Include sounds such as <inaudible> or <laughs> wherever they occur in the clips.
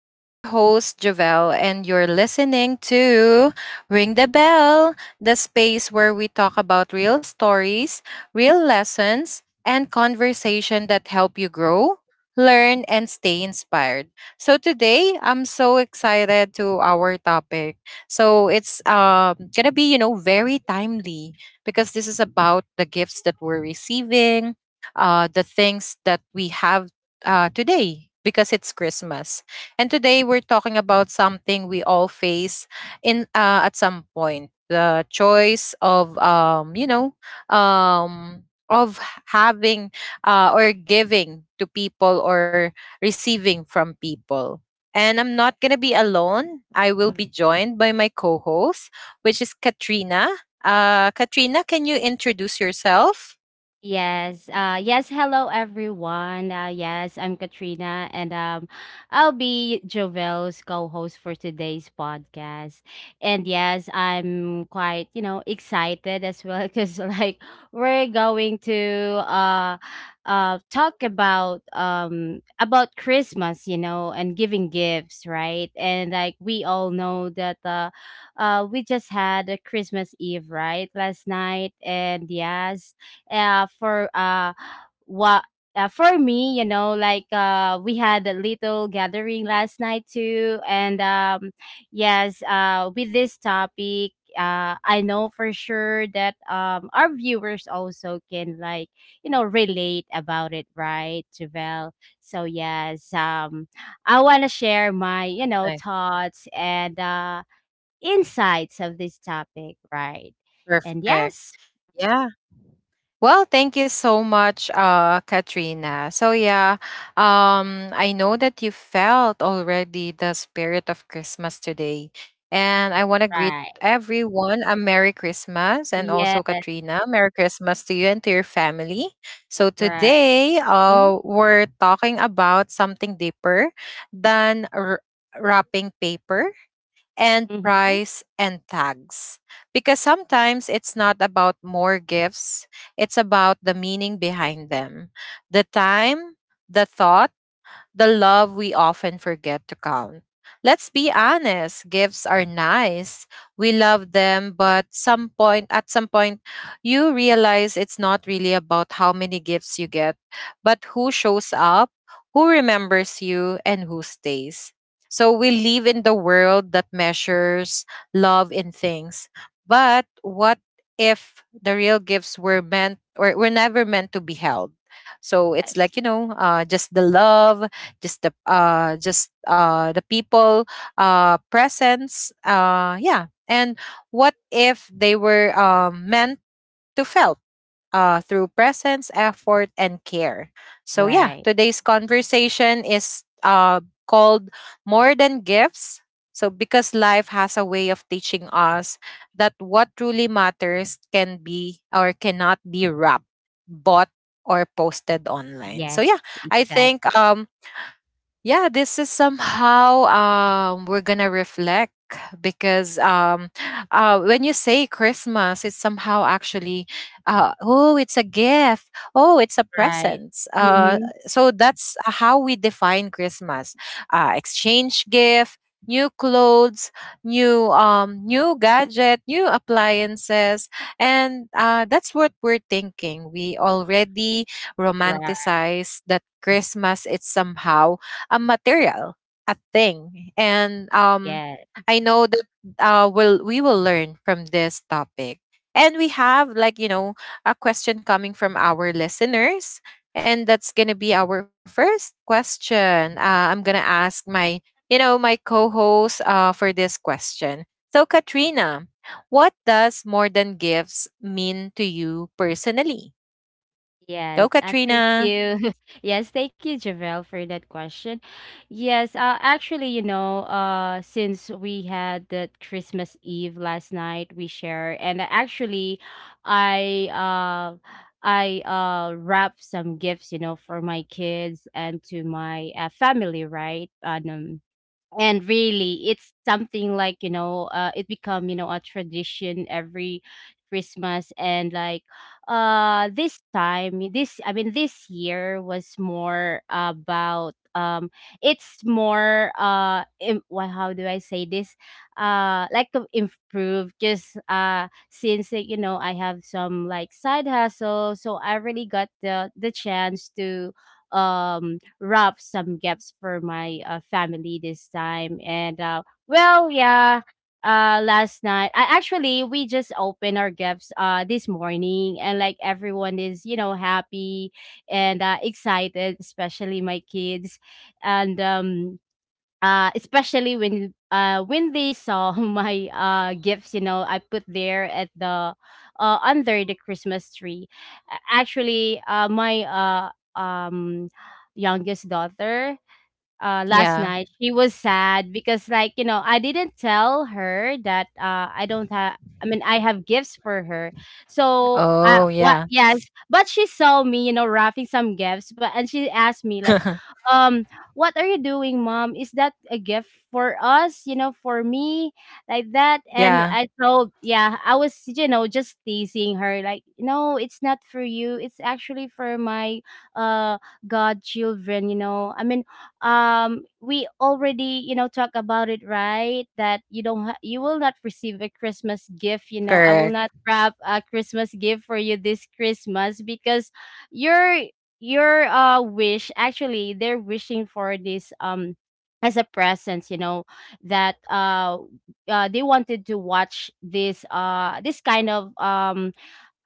I'm your host, Javelle, and you're listening to Ring the Bell, the space where we talk about real stories, real lessons, and conversation that help you grow, learn, and stay inspired. So today, I'm so excited to our topic. So it's gonna be, you know, very timely because this is about the gifts that we're receiving, the things that we have today because it's Christmas. And today we're talking about something we all face in, at some point, the choice of um, of having, or giving to people, or receiving from people. And I'm not going to be alone. I will be joined by my co host, which is Katrina. Katrina, can you introduce yourself? Yes. Hello everyone. Yes, I'm Katrina and I'll be Jovel's co-host for today's podcast. And yes, I'm quite, you know, excited as well <laughs> cuz like we're going to uh talk about Christmas, you know, and giving gifts, right? And like we all know that we just had a Christmas Eve, right? Last night and yes, uh for uh what for me you know like we had a little gathering last night too and yes with this topic I know for sure that our viewers also can like you know relate about it right Javel? So yes, I want to share my you know Nice. thoughts and insights of this topic right and Perfect. yes Yeah. Well, thank you so much, Katrina. So yeah, I know that you felt already the spirit of Christmas today, and I want to greet right everyone a Merry Christmas, and yes. also Katrina, Merry Christmas to you and to your family. So Right. today, Mm, we're talking about something deeper than wrapping paper and mhm. price and tags. Because sometimes it's not about more gifts, it's about the meaning behind them, the time, the thought, the love we often forget to count. Let's be honest, gifts are nice. We love them, but some point you realize it's not really about how many gifts you get, but who shows up, who remembers you, and who stays. So we live in the world that measures love in things. But what if the real gifts were meant, or were never meant to be held? So it's Yes. like, you know, just the love, just the people, presence, yeah, and what if they were meant to felt through presence, effort and care. So yeah, Right. today's conversation is called More Than Gifts. So, because life has a way of teaching us that what truly matters can be, or cannot be wrapped, bought, or posted online. So yeah, Yes, I think exactly. Yeah, this is somehow we're gonna reflect because <sighs> when you say Christmas, it's somehow actually, oh, it's a gift, oh, it's a Right. present, Mm-hmm. so that's how we define Christmas. Exchange gift, new clothes, new new gadget, new appliances, and that's what we're thinking. We already Right. romanticize that Christmas it's somehow a material, a thing. And Yes. I know that we will learn from this topic. And we have, like, you know, a question coming from our listeners. And that's going to be our first question. I'm going to ask my, you know, my co host, for this question. So, Katrina, what does more than gifts mean to you personally? Go, Yes. I thank Katrina. you. <laughs> Yes, thank you, Javel, for that question. Yes, actually, you know, since we had the Christmas Eve last night, we share, and actually, I uh, I wrapped some gifts, you know, for my kids and to my family, right? And really it's something like you know it become you know a tradition every christmas and like this time this I mean this year was more about it's more how do I say this like to improve just since like, you know I have some like side hustle so I really got the chance to um wrap some gifts for my family this time. And well, yeah, last night, I actually we just opened our gifts this morning, and like everyone is you know happy and excited, especially my kids, and especially when they saw <laughs> my gifts you know I put there at the under the christmas tree. Actually, my um youngest daughter, last Yeah. night she was sad because like you know I didn't tell her that I don't have I mean I have gifts for her so Oh, what yeah. yes. But she saw me you know wrapping some gifts but and she asked me like, um what are you doing mom, is that a gift for us you know for me, like that. <laughs> And Yeah. I told yeah, I was you know just teasing her like no it's not for you, it's actually for my uh godchildren. You know I mean we already you know talk about it right, that you don't ha- you will not receive a christmas gift, you know I will not Correct. wrap a christmas gift for you this christmas because your your wish, actually they're wishing for this as a presence you know. That they wanted to watch this this kind of um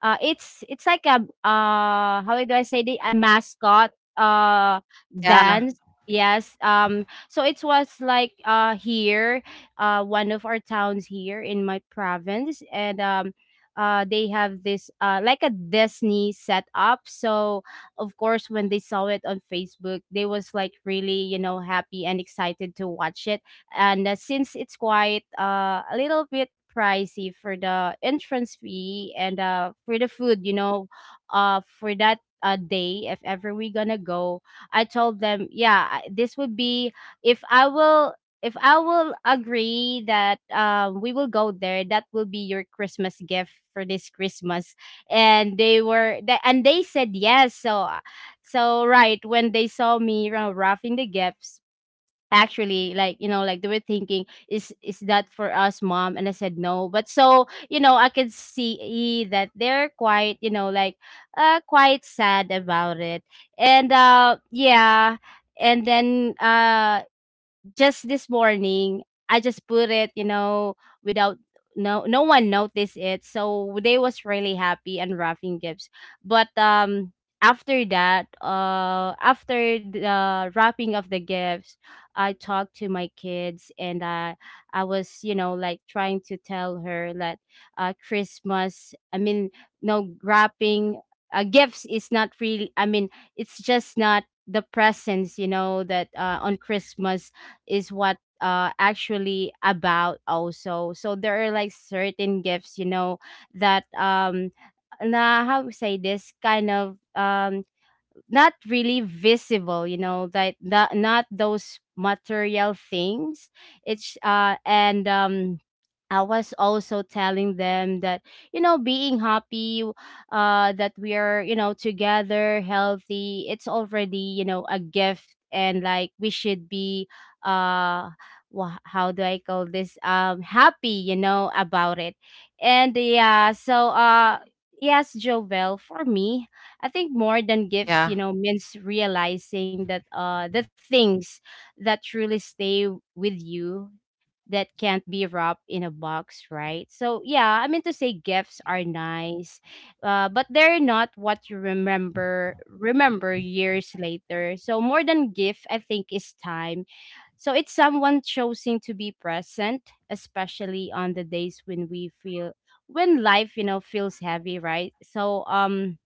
uh, it's like a how do I say, the a mascot Yeah, dance. Yes. So it was like here, one of our towns here in my province, and they have this like a Disney setup. So of course, when they saw it on Facebook, they was like really you know happy and excited to watch it. And since it's quite a little bit pricey for the entrance fee and for the food you know for that day if ever we gonna go, I told them yeah, this would be, if i will if I will agree that we will go there, that will be your christmas gift for this christmas. And they said yes. So right when they saw me you wrapping the gifts, actually like you know like they were thinking is that for us mom, and I said no. But so you know I could see that they're quite you know like quite sad about it. And yeah, and then just this morning, I just put it, you know, without no one noticed it. So they was really happy and wrapping gifts. But after that, after the wrapping of the gifts, I talked to my kids and I was, you know, like trying to tell her that Christmas, I mean, no wrapping gifts is not really, I mean, it's just not the presents you know that on christmas is what actually about also. So there are like certain gifts you know that na how to say, this kind of not really visible you know, that not, not those material things. It's and I was also telling them that you know being happy that we are you know together healthy, it's already you know a gift, and like we should be uh how do I call this, happy you know about it. And yeah, so yes Jovel, for me I think more than gifts, yeah, you know, means realizing that the things that truly stay with you, that can't be wrapped in a box, right? So yeah, I mean to say gifts are nice, but they're not what you remember years later. So more than gift, I think is time. So it's someone choosing to be present, especially on the days when life, you know, feels heavy, right? So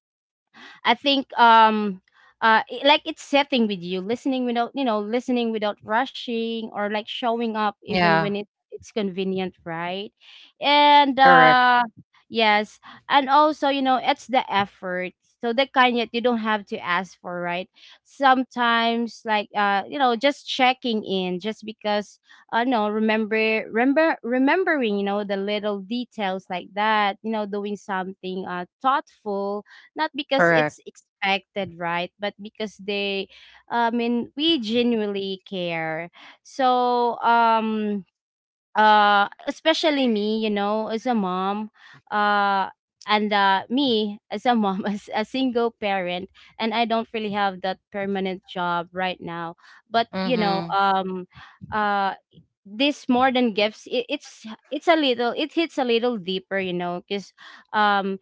I think it, like it's setting with you, listening without you know, listening without rushing, or like showing up even yeah. when it it's convenient, right? And Correct, uh, yes, and also, you know, it's the effort. So the kind that you don't have to ask for, right? Sometimes like you know, just checking in just because no, remember, remember, remembering, you know, the little details like that, you know, doing something thoughtful, not because it's correct. expected, right? But I mean, we genuinely care. So, especially me, you know, as a mom, uh, and me <laughs> as a mom, <laughs> as a single parent, and I don't really have that permanent job right now. But you know, Mhm. Uh, this more than gifts, it's a little, it hits a little deeper, you know, because um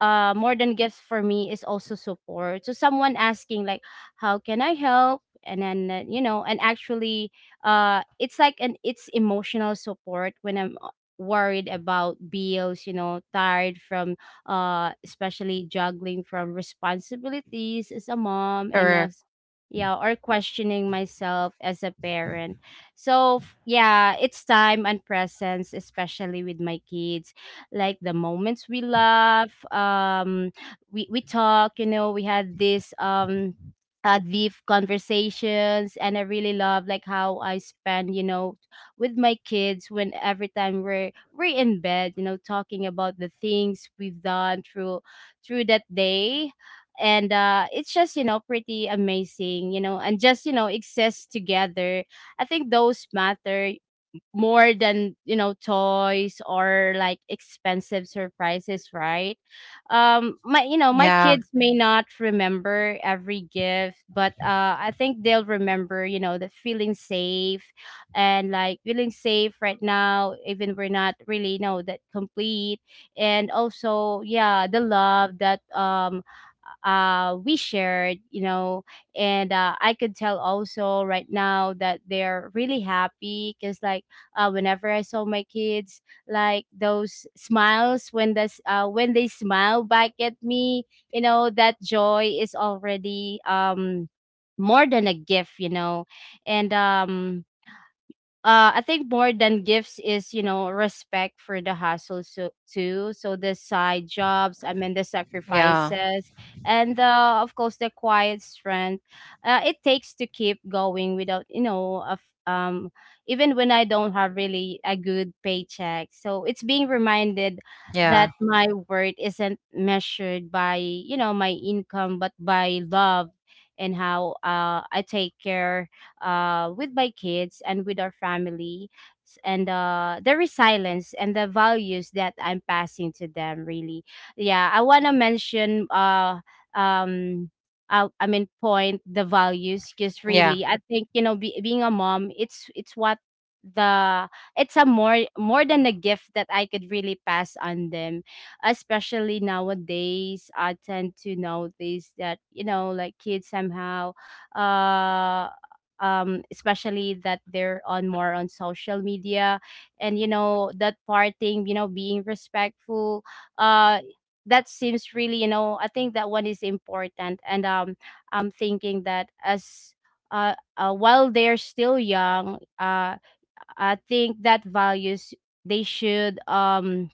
more than gifts for me is also support. So someone asking like how can I help, and then you know, and actually it's like an it's emotional support when I'm worried about bills you know, tired from especially juggling from responsibilities as a mom and Correct. as, yeah, or questioning myself as a parent. So yeah, it's time and presence especially with my kids, like the moments we laugh, we talk. You know, we had this deep conversations, and I really love like how I spend you know with my kids, when every time we're in bed you know talking about the things we've done through through that day. And uh, it's just you know pretty amazing you know, and just you know exist together. I think those matter more than you know toys or like expensive surprises, right? My you know my Yeah, kids may not remember every gift, but I think they'll remember you know the feeling safe. And like feeling safe right now even we're not really you know that complete. And also yeah the love that we shared you know. And I could tell also right now that they're really happy because like, whenever I saw my kids, like those smiles when this when they smile back at me, you know that joy is already more than a gift, you know. And I think more than gifts is you know respect for the hustle so too. So the side jobs, I mean the yeah, sacrifices, and of course the quiet strength it takes to keep going without you know of um even when I don't have really a good paycheck. So it's being reminded yeah, that my worth isn't measured by, you know, my income, but by love and how I take care with my kids and with our family and the resilience and the values that I'm passing to them really. Yeah, I want to mention, um, I mean point the values because yeah. really I think, you know, being a mom, it's what the it's a more than a gift that I could really pass on them, especially nowadays. I tend to notice that, you know, like kids somehow, uh especially that they're on more on social media, and you know that parting, you know, being respectful, uh that seems really, you know, I think that one is important. And I'm thinking that as, while they're still young, I think that values they should, um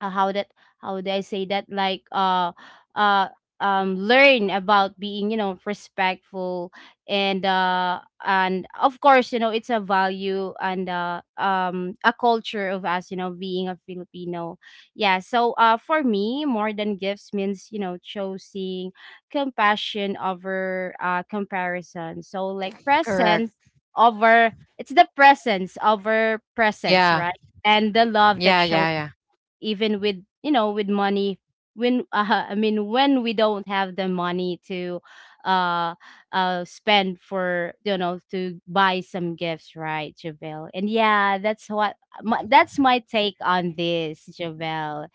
uh, how that, how do I say that, like, uh learn about being, you know, respectful, and of course, you know, it's a value and a culture of us, you know, being a Filipino. Yeah, so for me more than gifts means, you know, choosing compassion over comparison, so like Correct. presence over, it's the presence over presence, Yeah, right? And the love yeah, that yeah, shows, yeah. even with, you know, with money, when <laughs> when we don't have the money to uh spend for, you know, to buy some gifts, right, Javel? And yeah, that's what that's my take on this, Javel.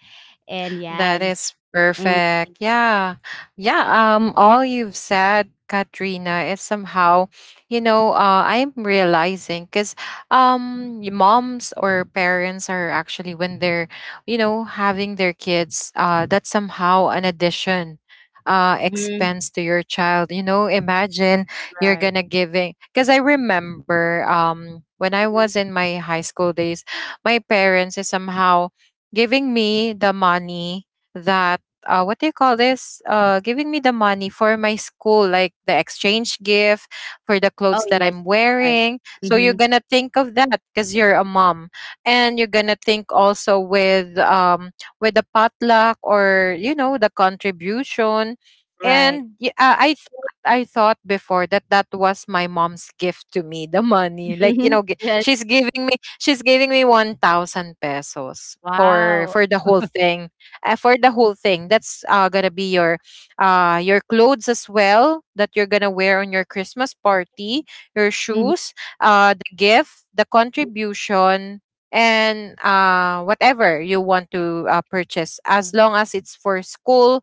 And That yes. is perfect. Yeah. Yeah. All you've said, Katrina, is somehow, you know, I'm realizing because moms or parents are actually, when they're, you know, having their kids, that's somehow an addition Mm-hmm. expense to your child. You know, imagine, Right. you're gonna giving, because I remember Hmm. when I was in my high school days, my parents is somehow giving me the money that, what do you call this? Giving me the money for my school, like the exchange gift, for the Oh clothes that yes. I'm Right. wearing. So you're Mm-hmm. gonna think of that because you're a mom, and you're gonna think also with the potluck, or you know, the contribution. Right. And I thought before that that was my mom's gift to me, the money. Like you <laughs> know, Yes. She's giving me 1,000 pesos for Wow. For the whole thing. That's gonna be your clothes as well that you're gonna wear on your Christmas party, your Hmm. shoes, the gift, the contribution, and whatever you want to purchase. As long as it's for school,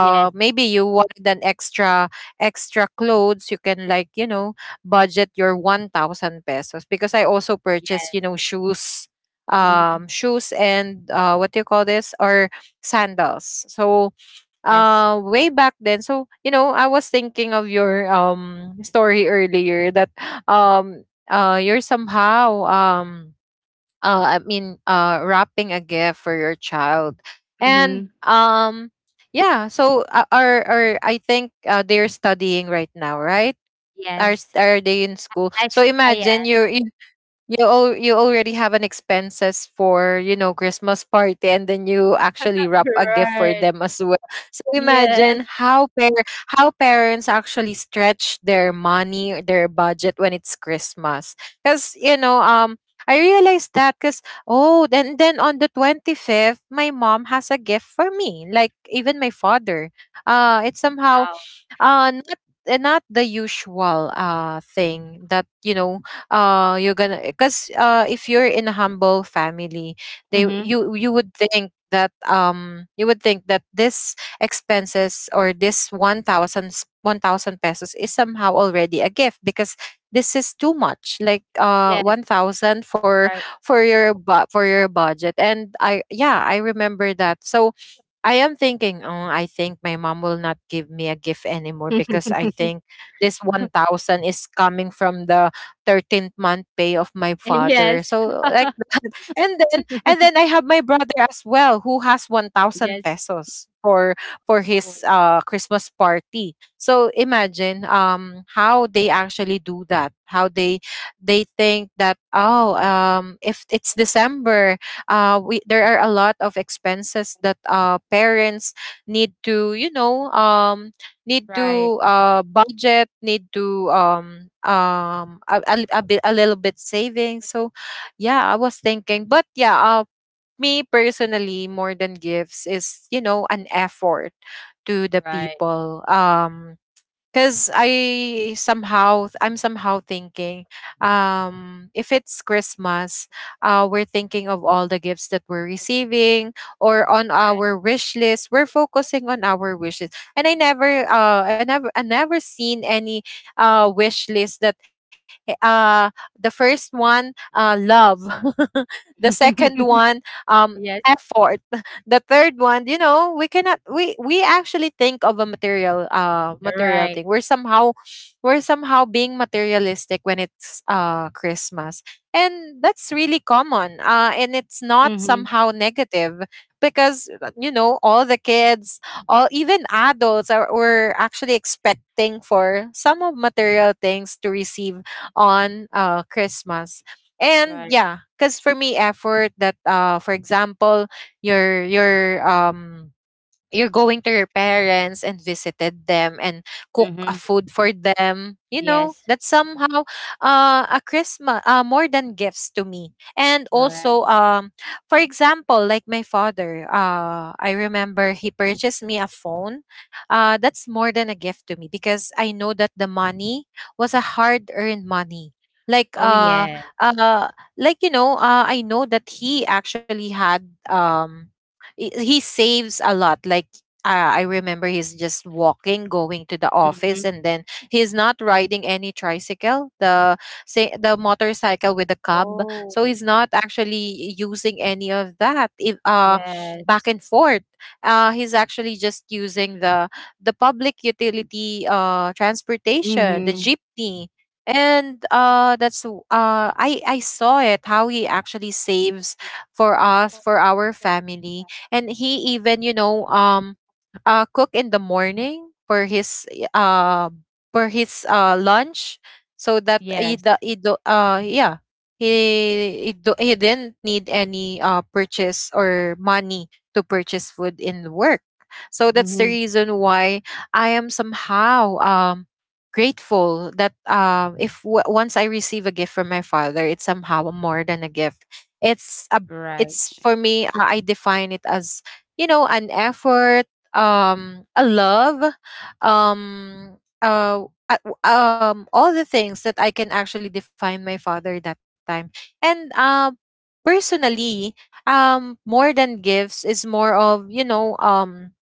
Yes. maybe you wanted an extra clothes. You can, like you know, budget your 1,000 pesos because I also purchased, Yes. you know, shoes, Hmm. Shoes and what do you call this, or sandals. So, Yes. Way back then, so you know, I was thinking of your story earlier that um you're somehow, wrapping a gift for your child, Hmm. and yeah. So, are I think they're studying right now, right? Yes. Are they in school? I, So ex- I. imagine, you're you already have an expenses for, you know, Christmas party, and then you actually wrap a gift for Right. them as well. So Yes. imagine how parents actually stretch their money or their budget when it's Christmas, because you know, I realized that because, oh, then on the 25th my mom has a gift for me, like even my father, it's somehow Wow. Not, eh, not the usual thing that, you know, you're gonna, because if you're in a humble family, they Mm-hmm. you you would think that, you would think that this expenses, or this 1000 pesos, is somehow already a gift, because this is too much, like Yes, 1,000 for right. For your budget. And I, yeah, I remember that. So I am thinking, oh, I think my mom will not give me a gift anymore <laughs> because I think this 1,000 is coming from the 13th month pay of my father. Yes. So, like, <laughs> and then I have my brother as well who has 1,000 Yes. pesos for Oh. his Christmas party. So imagine how they actually do that. How they think that, oh, if it's December, we, there are a lot of expenses that parents need to, you know, need Right. to budget, need to a little bit saving. So yeah, I was thinking. But yeah, me personally, more than gifts is, you know, an effort to the Right. people. Because I'm somehow thinking, if it's Christmas, we're thinking of all the gifts that we're receiving, or on our Right. wish list, we're focusing on our wishes. And I never, I never seen any, wish list that, eh, uh, the first one, love, <laughs> the second one, <laughs> um, Yes. effort, the third one. You know, we cannot, we actually think of a material, Right. thing. We're somehow, being materialistic when it's Christmas. And that's really common, and it's not Mm-hmm. somehow negative because, you know, all the kids, all, even adults, are were actually expecting for some of material things to receive on Christmas. And Right. yeah, because for me, effort, that for example, your you're going to your parents and visited them and cook a Mm-hmm. food for them, you know, Yes. that's somehow a Christmas, more than gifts to me. And Right. also, for example, like my father, I remember he purchased me a phone. That's more than a gift to me, because I know that the money was a hard earned money. like Oh uh yeah. uh I know that he actually had, he saves a lot. Like I remember he's just walking, going to the Mm-hmm. office, and then he's not riding any tricycle, the motorcycle with the cub. Oh, So he's not actually using any of that. If yes. back and forth, he's actually just using the public utility transportation, the Mhm. jeepney. And that's w- I saw it how he actually saves for us, for our family, and he even cook in the morning for his uh, for his lunch so that Yes. He do, yeah he, do, he didn't need any purchase or money to purchase food in work. So that's the Mhm. reason why I am somehow grateful that if w- once I receive a gift from my father, it's somehow more than a gift. it's a Right. it's for me i I define it as an effort, a love, um uh all the things that I can actually define my father that time. And Personally, more than gifts is more of,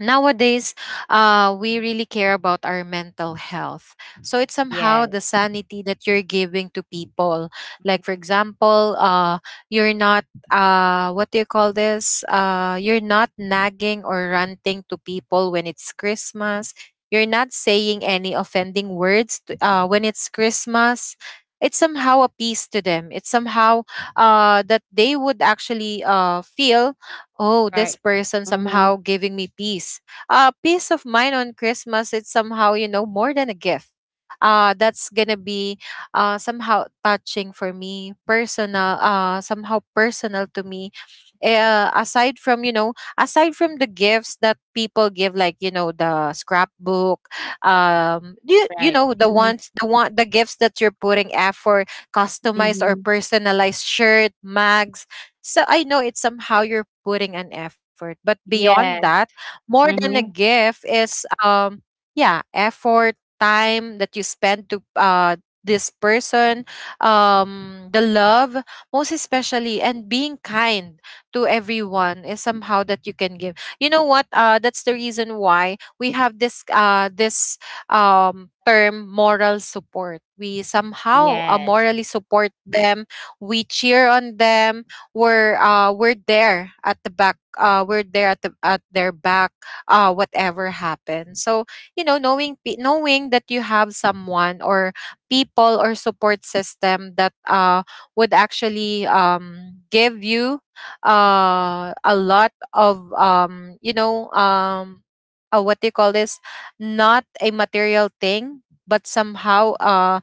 nowadays, we really care about our mental health. So it's Yes. somehow the sanity that you're giving to people. Like, for Mhm. example, you're not what do you call this, you're not nagging or ranting to people when it's Christmas. You're not saying any offending words when it's Christmas. It's somehow a peace to them. It's somehow that they would actually feel, oh, Right. this person Mhm. somehow giving me peace. Peace of mind on Christmas, it's somehow, you know, more than a gift. That's gonna be somehow touching for me, personal, somehow personal to me. Aside from, you know, aside from the gifts that people give, like, you know, the scrapbook, you Right. know, the Mhm. ones, the one, the gifts that you're putting effort, customized or Mhm. personalized shirt, mags, so I know it's somehow you're putting an effort. But beyond Yes. that, more than a Mhm. gift is yeah, effort, time that you spend to this person, the love, most especially, and being kind to everyone is somehow that you can give. You know what? That's the reason why we have this term moral support. We somehow Yes. morally support them, we cheer on them, we're there at the back, we're there at their back whatever happens. So, you know, knowing that you have someone, or people, or support system that would actually give you a lot of, what do you call this, not a material thing, but somehow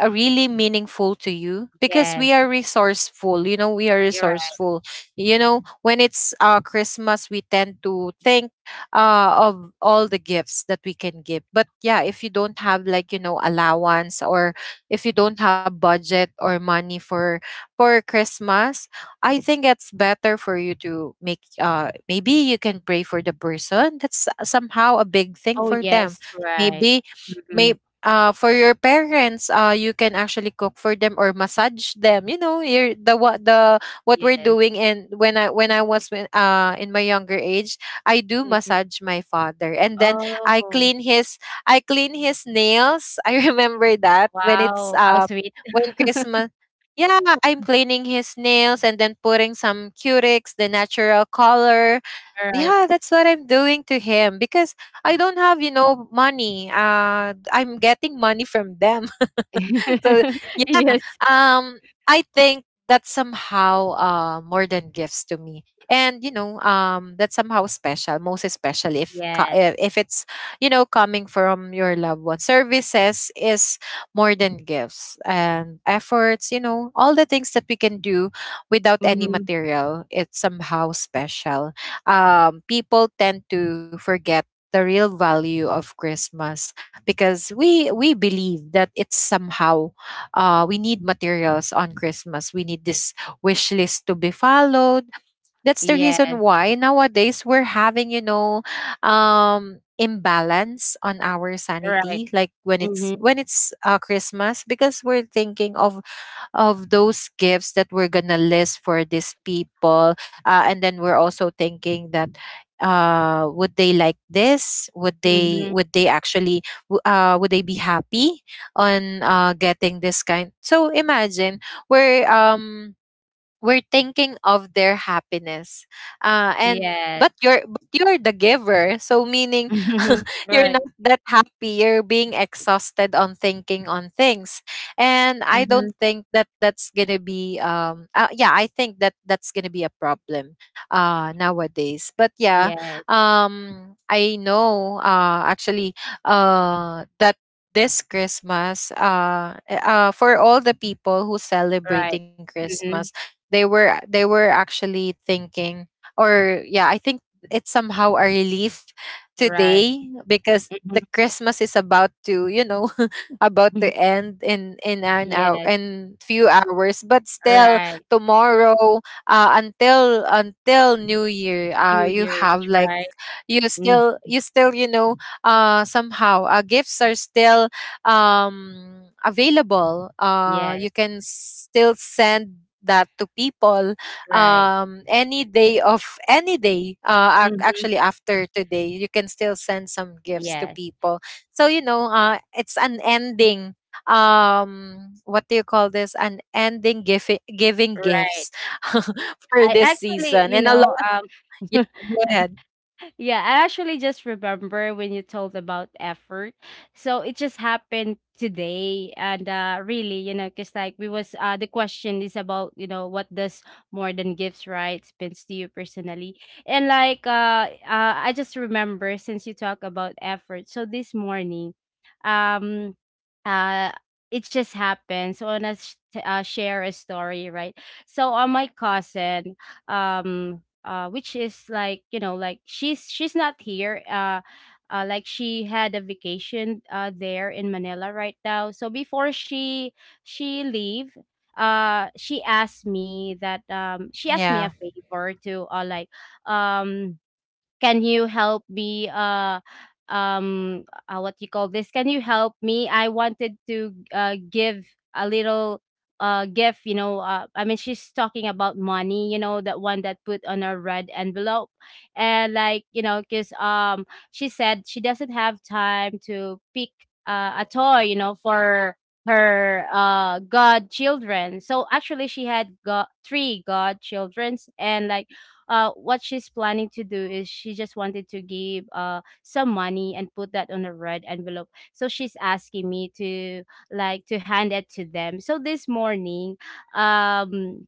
are really meaningful to you, because Yes. we are resourceful. You know, we are You're right. resourceful. You know, when it's Christmas, we tend to think of all the gifts that we can give. But yeah, if you don't have, like, you know, allowance, or if you don't have budget or money for Christmas, I think it's better for you to make maybe you can pray for the person. That's somehow a big thing Oh, for them. yes. Right. Maybe Mhm. may For your parents, you can actually cook for them or massage them. You know, you're the what we're Yes. doing. And when I was when, in my younger age, I do Mhm. massage my father, and then I Oh, clean his I clean his nails. <laughs> I remember that wow. How sweet. when <laughs> Christmas. Yeah, I'm cleaning his nails and then putting some Curex, the natural color. All right. Yeah, that's what I'm doing to him because I don't have, you know, money. I'm getting money from them. <laughs> so <laughs> yeah Yes. um I think that's somehow more than gifts to me. And, you know, that's somehow special, most especially if Yes. co- if it's, you know, coming from your loved one. Services is more than gifts and efforts. You know, all the things that we can do without any Mhm. material, it's somehow special. People tend to forget the real value of Christmas, because we believe that it's somehow we need materials on Christmas. We need this wish list to be followed. That's the reason Yes. why nowadays we're having, you know, imbalance on our Right. sanity, like when it's Mhm, when it's uh, Christmas, because we're thinking of those gifts that we're gonna list for these people. And then we're also thinking that, would they like this, mhm, would they actually would they be happy on getting this kind. So imagine, we're um we're thinking of their happiness, and yes. but you're the giver, so meaning Mhm, <laughs> you're right, not that happy. You're being exhausted on thinking on things. And I don't mhm, think that that's gonna be yeah, I think that that's gonna be a problem nowadays. But yeah, yes, I know, actually, that this Christmas, for all the people who right, celebrating Christmas, mhm, they were actually thinking, or yeah, I think it's somehow a relief right, today, because mhm, the mhm, Christmas is about to, you know, <laughs> about to <laughs> end in an hour, yes, in few hours. But still right. tomorrow, until New Year, New you Year's, have like, right? you Mm, still you still you know, somehow, gifts are still available. Yes, You can still send that to people right. Any day, of Mhm, actually after today you can still send some gifts to yes, people. So, you know, it's an ending, what do you call this, an ending giving right. gifts <laughs> for I this actually, season. you And a know, lot. Yeah, <laughs> go ahead. yeah, I actually just remember when you told about effort. So it just happened today, and really, you know, cuz like we was the question is about, you know, what does more than gifts right means to you personally. And like, I just remember since you talk about effort. So this morning, um uh it just happened. So I wanna share a story, right? So on my cousin, which is like, you know, like she's not here, like she had a vacation there in Manila right now. So before she leave, she asked me that, she asked me a Yeah. favor to, um can you help me, what you call this, can you help me, I wanted to give a little gift, you know, I mean she's talking about money, you know, that one that put on a red envelope. And like, you know, because she said she doesn't have time to pick a toy, you know, for her godchildren. So actually she had got three godchildren, and like, what she's planning to do is she just wanted to give some money and put that on a red envelope. So she's asking me to like to hand it to them. So this morning, um,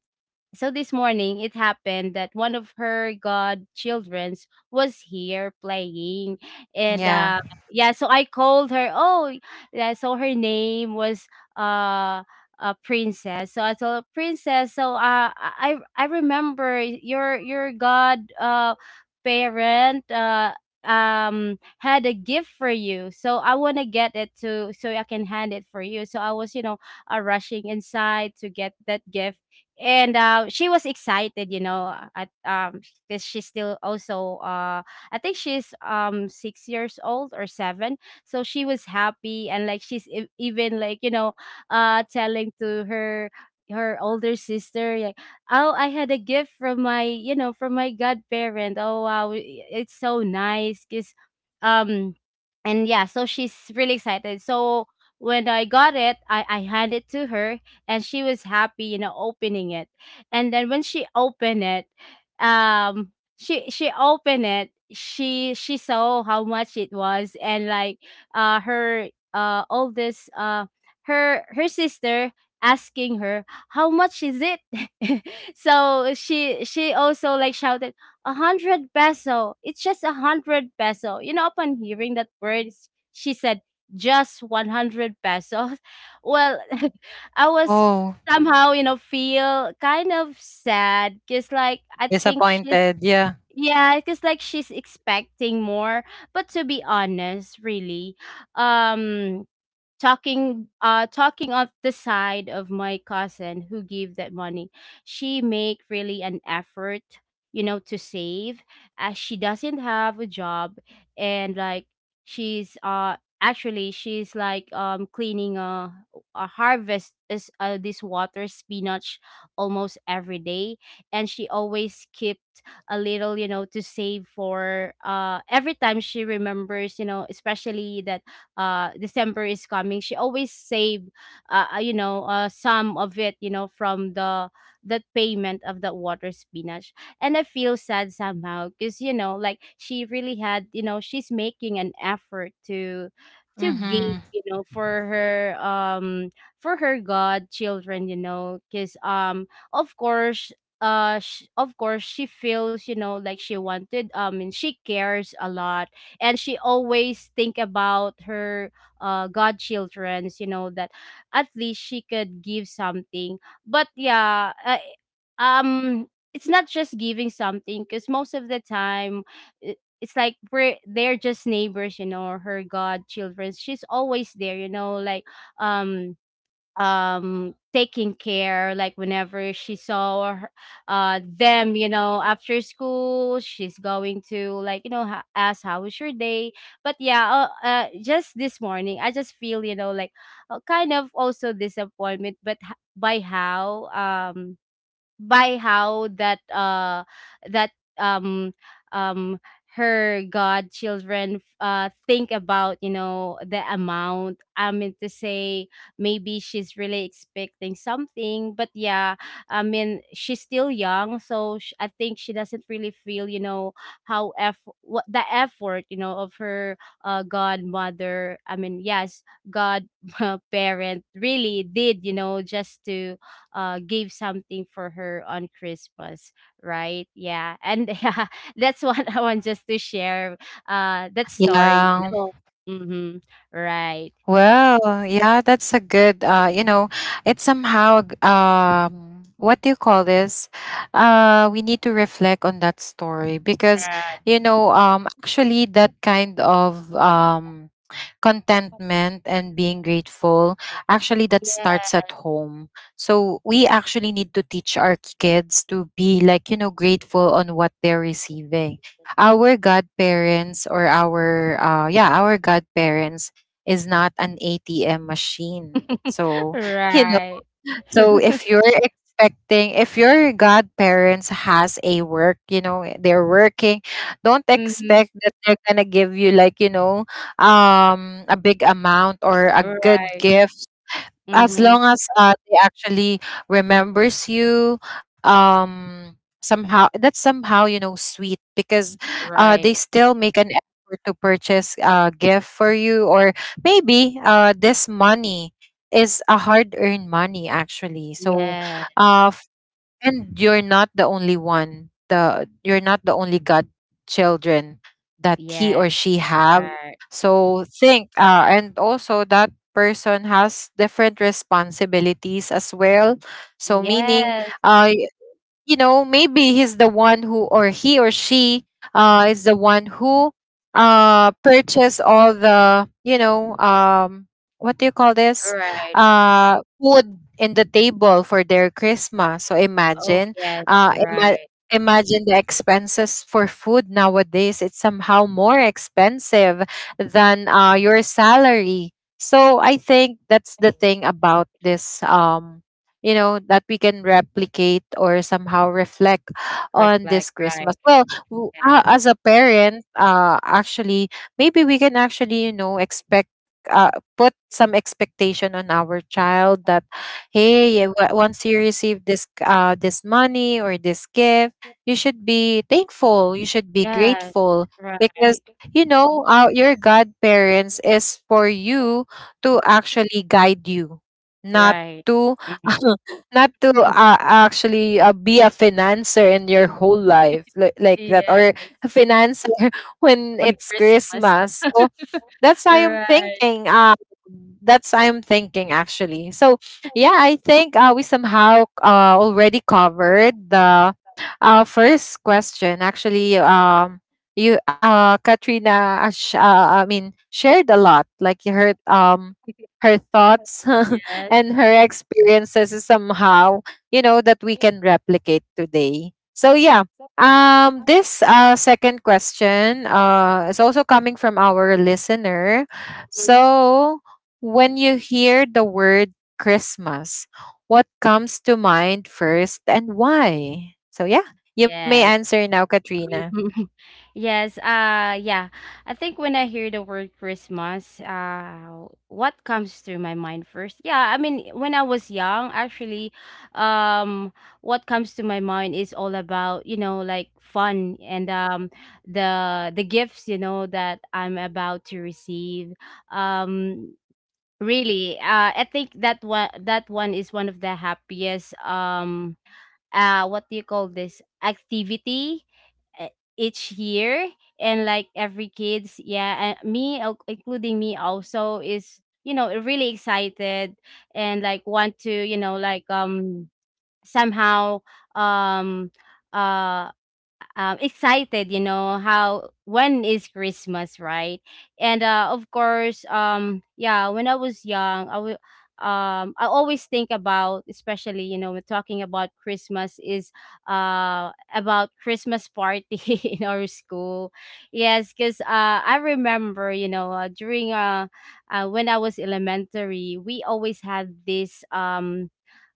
it happened that one of her godchildrens was here playing, and Yeah. yeah, so I called her. Oh, yeah, so her name was, uh, Princess. So I told her, Princess. So I remember your god parent had a gift for you. So I want to get it to so I can hand it for you. So I was, you know, rushing inside to get that gift, and, she was excited, you know, at, because she's still also, I think she's, 6 years old or 7. So she was happy, and like even like, you know, telling to her older sister like, oh, I had a gift from my, you know, from my godparent. Oh wow, it's so nice because, um and yeah, so she's really excited, so when I got it, I hand it to her, and she was happy, you know, opening it. And then when she opened it, she opened it. She saw how much it was, and like her, oldest, her sister asking her, how much is it? <laughs> So she also like shouted, 100 peso, it's just 100 peso, you know. Upon hearing that word, she said, just 100 pesos. <laughs> Well, <laughs> I was Oh, somehow, you know, feel kind of sad because, like, I think she's, disappointed, yeah. yeah, because, like, she's expecting more. But to be honest, really, um, talking of the side of my cousin who gave that money, she make really an effort, you know, to save, as she doesn't have a job, and like she's like, cleaning a, harvest is, this water spinach, almost every day. And she always kept a little, you know, to save for, every time she remembers, you know, especially that December is coming, she always save, you know, some of it, you know, from the that payment of the water spinach. And I feel sad somehow because, you know, like she really had, you know, she's making an effort to give, Mm-hmm. you know, for her, for her godchildren, you know, because, of course, of course she feels, you know, like she wanted, and she cares a lot, and she always think about her godchildrens, you know, that at least she could give something. But yeah, um it's not just giving something, because most of the time, i- it's like we're they're just neighbors, you know, or her godchildren, she's always there, you know, like, um taking care, like whenever she saw her, them, you know, after school, she's going to, like, you know, ask how was your day. But yeah, just this morning I just feel, you know, like kind of also disappointment, by how, um by how that, that um um her godchildren think about, you know, the amount, I mean to say, maybe she's really expecting something. But yeah, I mean she's still young, so I think she doesn't really feel, you know, how eff what the effort, you know, of her godmother, I mean yes, god <laughs> parent really did, you know, just to gave something for her on Christmas, right? Yeah. And <laughs> yeah, that's what I want just to share that story, you Yeah. know. Mm-hmm. Right. Well, yeah, that's a good you know, it's somehow what do you call this? We need to reflect on that story, because, Right. you know, actually, that kind of contentment and being grateful, actually, that starts at Yes. home. So we actually need to teach our kids to be, like, you know, grateful on what they're receiving. Our godparents, or our, yeah, our godparents is not an ATM machine. <laughs> So, <laughs> you know, Right. so <laughs> if you're expecting, if your godparents has a work, you know, they're working, don't Mm-hmm. expect that they're gonna give you, like, you know, a big amount or a good Right. gift, as Mm-hmm. long as they actually remembers you. um Somehow, that's somehow, you know, sweet, because Right. they still make an effort to purchase a gift for you, or maybe this money is a hard earned money, actually. So Yes. uh and you're not the only one the you're not the only god children that he Yes. or she have. Right. So think, and also that person has different responsibilities as well. So, meaning, Yes. uh, you know, maybe he's the one who, or he or she, is the one who purchased all the, you know, what do you call this, Right. Food in the table for their Christmas. So Oh imagine, yes. uh ima- Right. imagine the expenses for food nowadays, it's somehow more expensive than your salary. So I think that's the thing about this, you know, that we can replicate, or somehow reflect on Reflect, this Christmas. right. Well, Yes. as a parent, actually, maybe we can actually, you know, expect, put some expectation on our child, that, hey, once you receive this money or this gift, you should be thankful, you should be Yes, grateful, because, right. you know, your godparents is for you to actually guide you, not Right. to Mm. <laughs> not to, actually, be a financer in your whole life, li- like that, Yes, or a financer <laughs> when on it's Christmas. Christmas. So that's how I'm Right. thinking. That's I'm thinking actually. So yeah, I think, we somehow already covered the first question. Actually, you, Katrina, I mean, shared a lot. Like, you heard her thoughts <laughs> and her experiences is somehow, you know, that we Yes. can replicate today. So yeah, this second question is also coming from our listener. Mhm. So, when you hear the word Christmas, what comes to mind first, and why? So yeah, you may Yes. answer now, Katrina. Mhm. <laughs> Yes, yeah. I think when I hear the word Christmas, what comes through my mind first? Yeah, I mean when I was young, actually, um what comes to my mind is all about, you know, like fun and the gifts, you know, that I'm about to receive. Um Really, I think that one is one of the happiest, what do you call this activity, uh, each year, and like every kids, yeah, and me, including me also, is, you know, really excited, and like want to, you know, like, somehow, um uh excited, you know, how when is Christmas, right? And of course, yeah, when I was young, I will. I always think about, especially, you know, when talking about Christmas is about Christmas party <laughs> in our school. Yes, because, I remember, you know, during when I was elementary, we always had this, um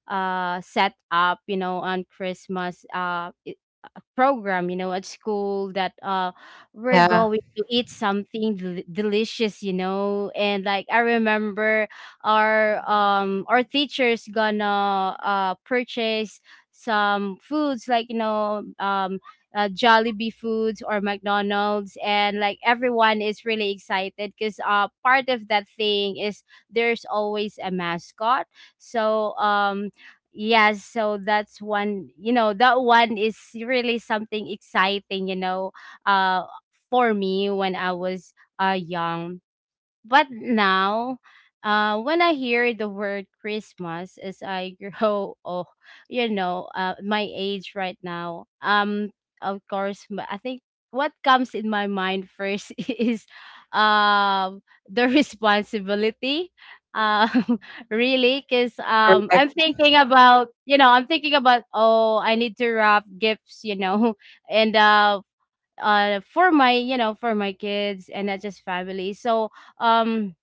uh set up, you know, on Christmas, program, you know, at school, that we're Yeah. going to eat something delicious, you know. And like I remember our, teachers gonna purchase some foods, like, you know, Jollibee foods or McDonald's, and like everyone is really excited because part of that thing is there's always a mascot, so yes, so that's one, you know, that one is really something exciting, you know, uh for me when I was young. But now, when I hear the word Christmas as I <laughs> grow, oh, you know, my age right now, of course, I think what comes in my mind first <laughs> is, um the responsibility, um <laughs> really because, Correct. I'm thinking about, oh, I need to wrap gifts, you know, <laughs> and for my, you know, for my kids and not just family, so um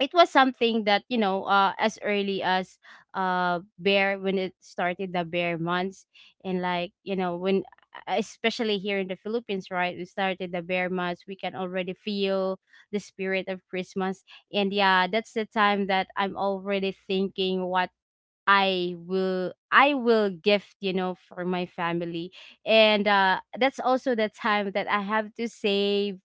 it was something that, you know, as early as, bear, when it started the bear months, and like, you know, when, especially here in the Philippines, right, we started the bear months, we can already feel the spirit of Christmas. And yeah, that's the time that I'm already thinking what I will gift, you know, for my family. And that's also the time that I have to save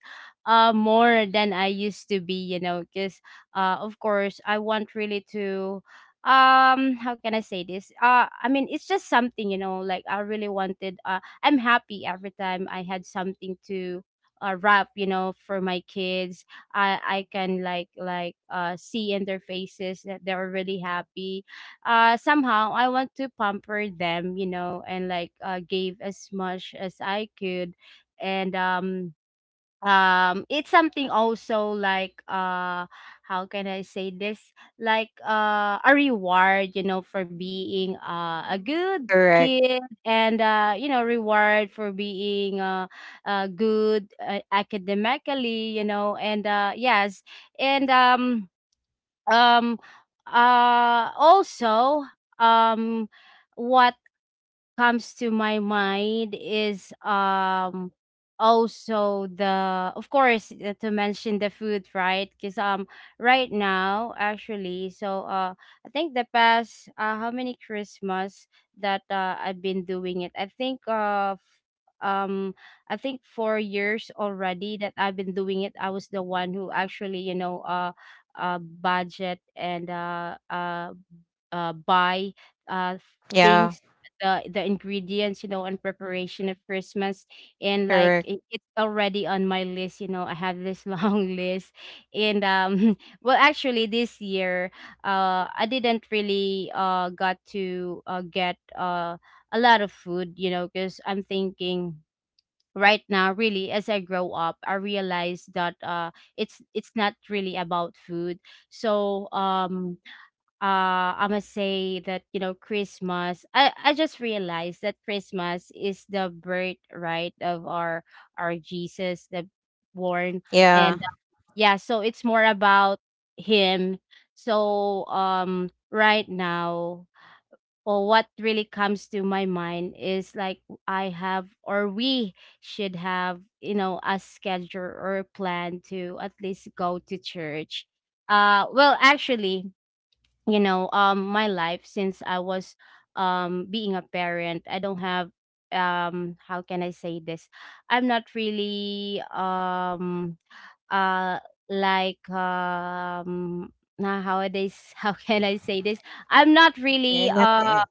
more than I used to be, you know, because of course I want really to how can I say this? I mean it's just something, you know, like I really wanted I'm happy every time I had something to wrap you know for my kids. I can like see in their faces that they're really happy. Somehow I want to pamper them, you know, and like gave as much as I could. And it's something also like, how can I say this? Like a reward, you know, for being a Correct. good kid, and you know reward for being good academically, you know, and yes. and um Also, um what comes to my mind is, also, the of course to mention the food, right? Because right now, actually, so, I think the past how many Christmas that I've been doing it, I think um I think 4 years already that I've been doing it. I was the one who actually, you know, budget and buy uh, Yeah. things, the ingredients, you know, and preparation of Christmas. And like Correct. it's already on my list. You know, I have this <laughs> long list. And <laughs> Well, actually, this year I didn't really got to get a lot of food, you know, because I'm thinking right now, really, as I grow up, I realize that it's not really about food. so um I must say that, you know, Christmas, I just realized that Christmas is the birthright of our Jesus, the born. yeah And Yeah, so it's more about him. Right now, or what really comes to my mind is like, I have or we should have, you know, a schedule or a plan to at least go to church. Well, actually, you know, my life since I was, being a parent, I don't have, how can I say this, I'm not really, uh like, now nowadays, <laughs> how can I say this, I'm not yeah. really, Not, eh,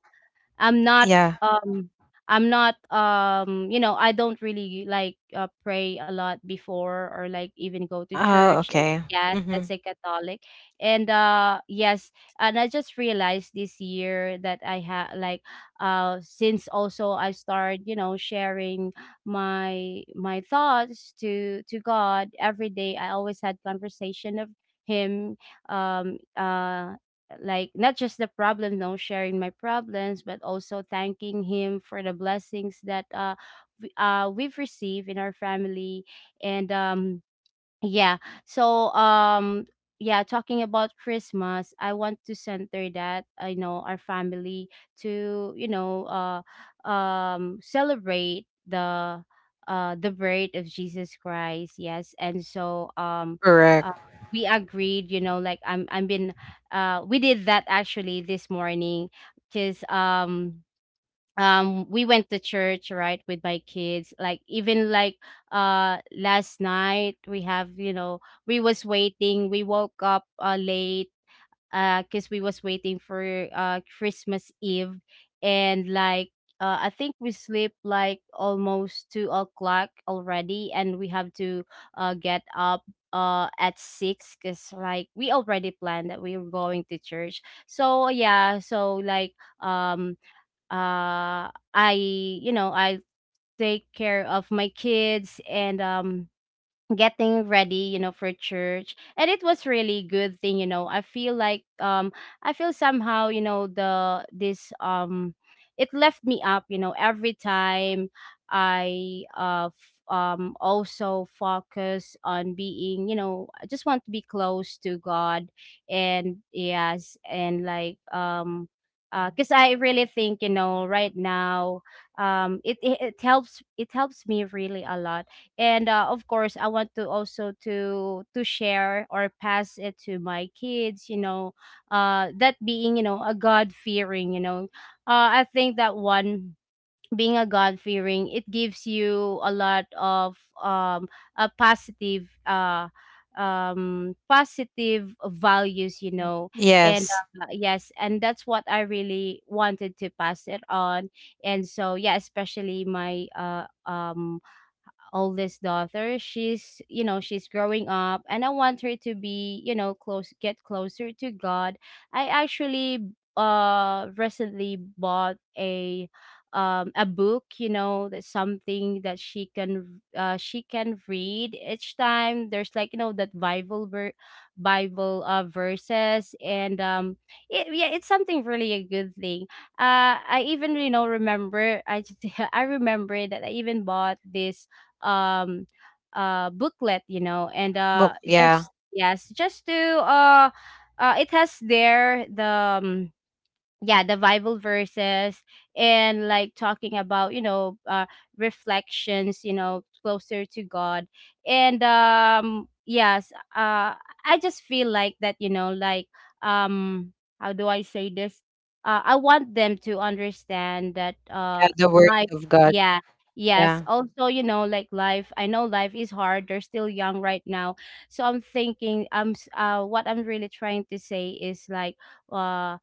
I'm not, yeah. um I'm not, you know, I don't really like pray a lot before or like even go to Oh, church. It's, okay. yes, Mm-hmm. as a Catholic, and yes, and I just realized this year that I had like, since also I started, you know, sharing my thoughts to God every day. I always had conversation of him. um uh like not just the problem, no, sharing my problems, but also thanking him for the blessings that we, we've received in our family. And Yeah. So um yeah, talking about Christmas, I want to center that I know our family to, you know, celebrate the birth of Jesus Christ. Yes. And so uh, Correct. we agreed, you know, like I'm been, we did that actually this morning, cuz we went to church, right, with my kids, like, even like last night we have, you know, we was waiting, we woke up late because we was waiting for Christmas Eve. And like I think we sleep like almost 2 o'clock already, and we have to get up at six because like we already planned that we were going to church. So yeah, so like, um I, you know, I take care of my kids, and getting ready, you know, for church, and it was really good thing, you know. I feel like, I feel somehow, you know, the this, it left me up, you know, every time I also focus on being, you know, I just want to be close to God. And yes, and like, because I really think, you know, right now, it helps, it helps me really a lot. And Of course I want to also to share or pass it to my kids, you know, that being, you know, a god fearing you know, I think that one, being a god fearing it gives you a lot of, um a positive, positive values, you know. and Yes. uh, yes, and that's what I really wanted to pass it on. And so yeah, especially my oldest daughter, she's, you know, she's growing up, and I want her to be, you know, close, get closer to God. I actually recently bought a, a book, you know, that's something that she can read each time there's like, you know, that Bible verses, and it, yeah, it's something really a good thing. I even, you know, remember, I just <laughs> I remember that I even bought this, um booklet, you know, and Book. Yeah. just yes, just to it has there the, um, yeah, the Bible verses, and like talking about, you know, reflections, you know, closer to God. And yes, I just feel like that, you know, like, um how do I say this, I want them to understand that Yeah. The words life, of God. yeah, yes, Yeah. also, you know, like, life, I know life is hard, they're still young right now. So I'm thinking, what I'm really trying to say is like, uh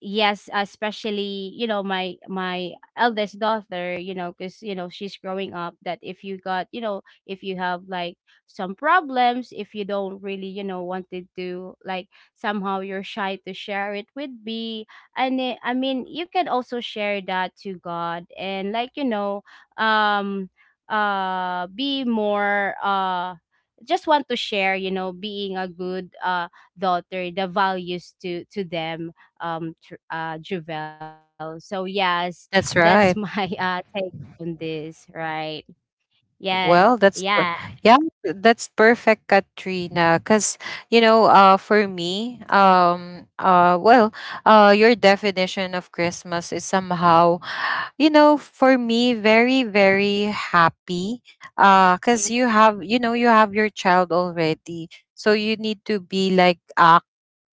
yes, especially, you know, my eldest daughter, you know, because, you know, she's growing up, that if you got, you know, if you have like some problems, if you don't really, you know, wanted to like somehow you're shy to share it with me, and I mean, you can also share that to God, and like, you know, um be more, just want to share, you know, being a good daughter, the values to them. Javel. So yes, that's That's my <laughs> right. Take on this, right? Yes, Well, that's yeah, per- yeah. That's perfect, Katrina. Cause, you know, for me, well, your definition of Christmas is somehow, you know, for me, very, very happy. Mm, Cause you have, you know, you have your child already. So you need to be like, uh,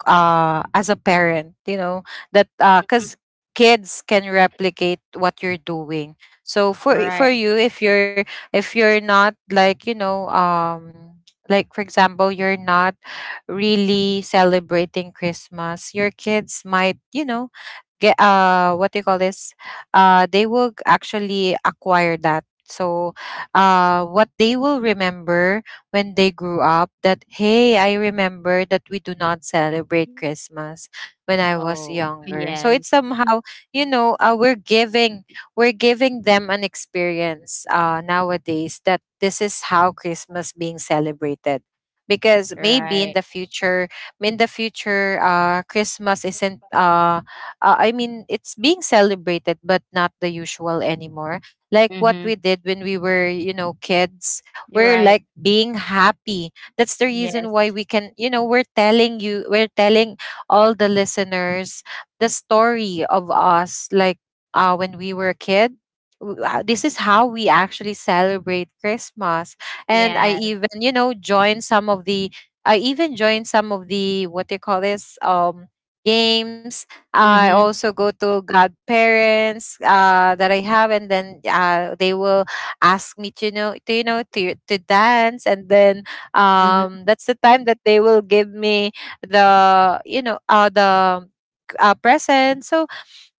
uh, as a parent, you know, that, because kids can replicate what you're doing. So for right. you, if you're not like, you know, like, for example, you're not really celebrating Christmas, your kids might, you know, get, what do you call this, actually acquire that. So what they will remember when they grew up, that, hey, I remember that we do not celebrate Christmas when I was Oh, younger. So it's yes, somehow, you know, we're giving them an experience nowadays, that this is how Christmas being celebrated. Because maybe right. in the future, Christmas isn't, I mean, it's being celebrated, but not the usual anymore. Like what Mm-hmm. we did when we were, you know, kids. You're We're right. like being happy. That's the reason Yes. why we can, you know, we're telling all the listeners the story of us, like, when we were a kid. This is how we actually celebrate Christmas. And I Yes. even, you know, joined some of the, I even joined some of the, what they call this, games. I Mm-hmm. also go to godparents, that I have, and then they will ask me to know to, you know, to dance, and then Mm-hmm. That's the time that they will give me the, you know, the present. So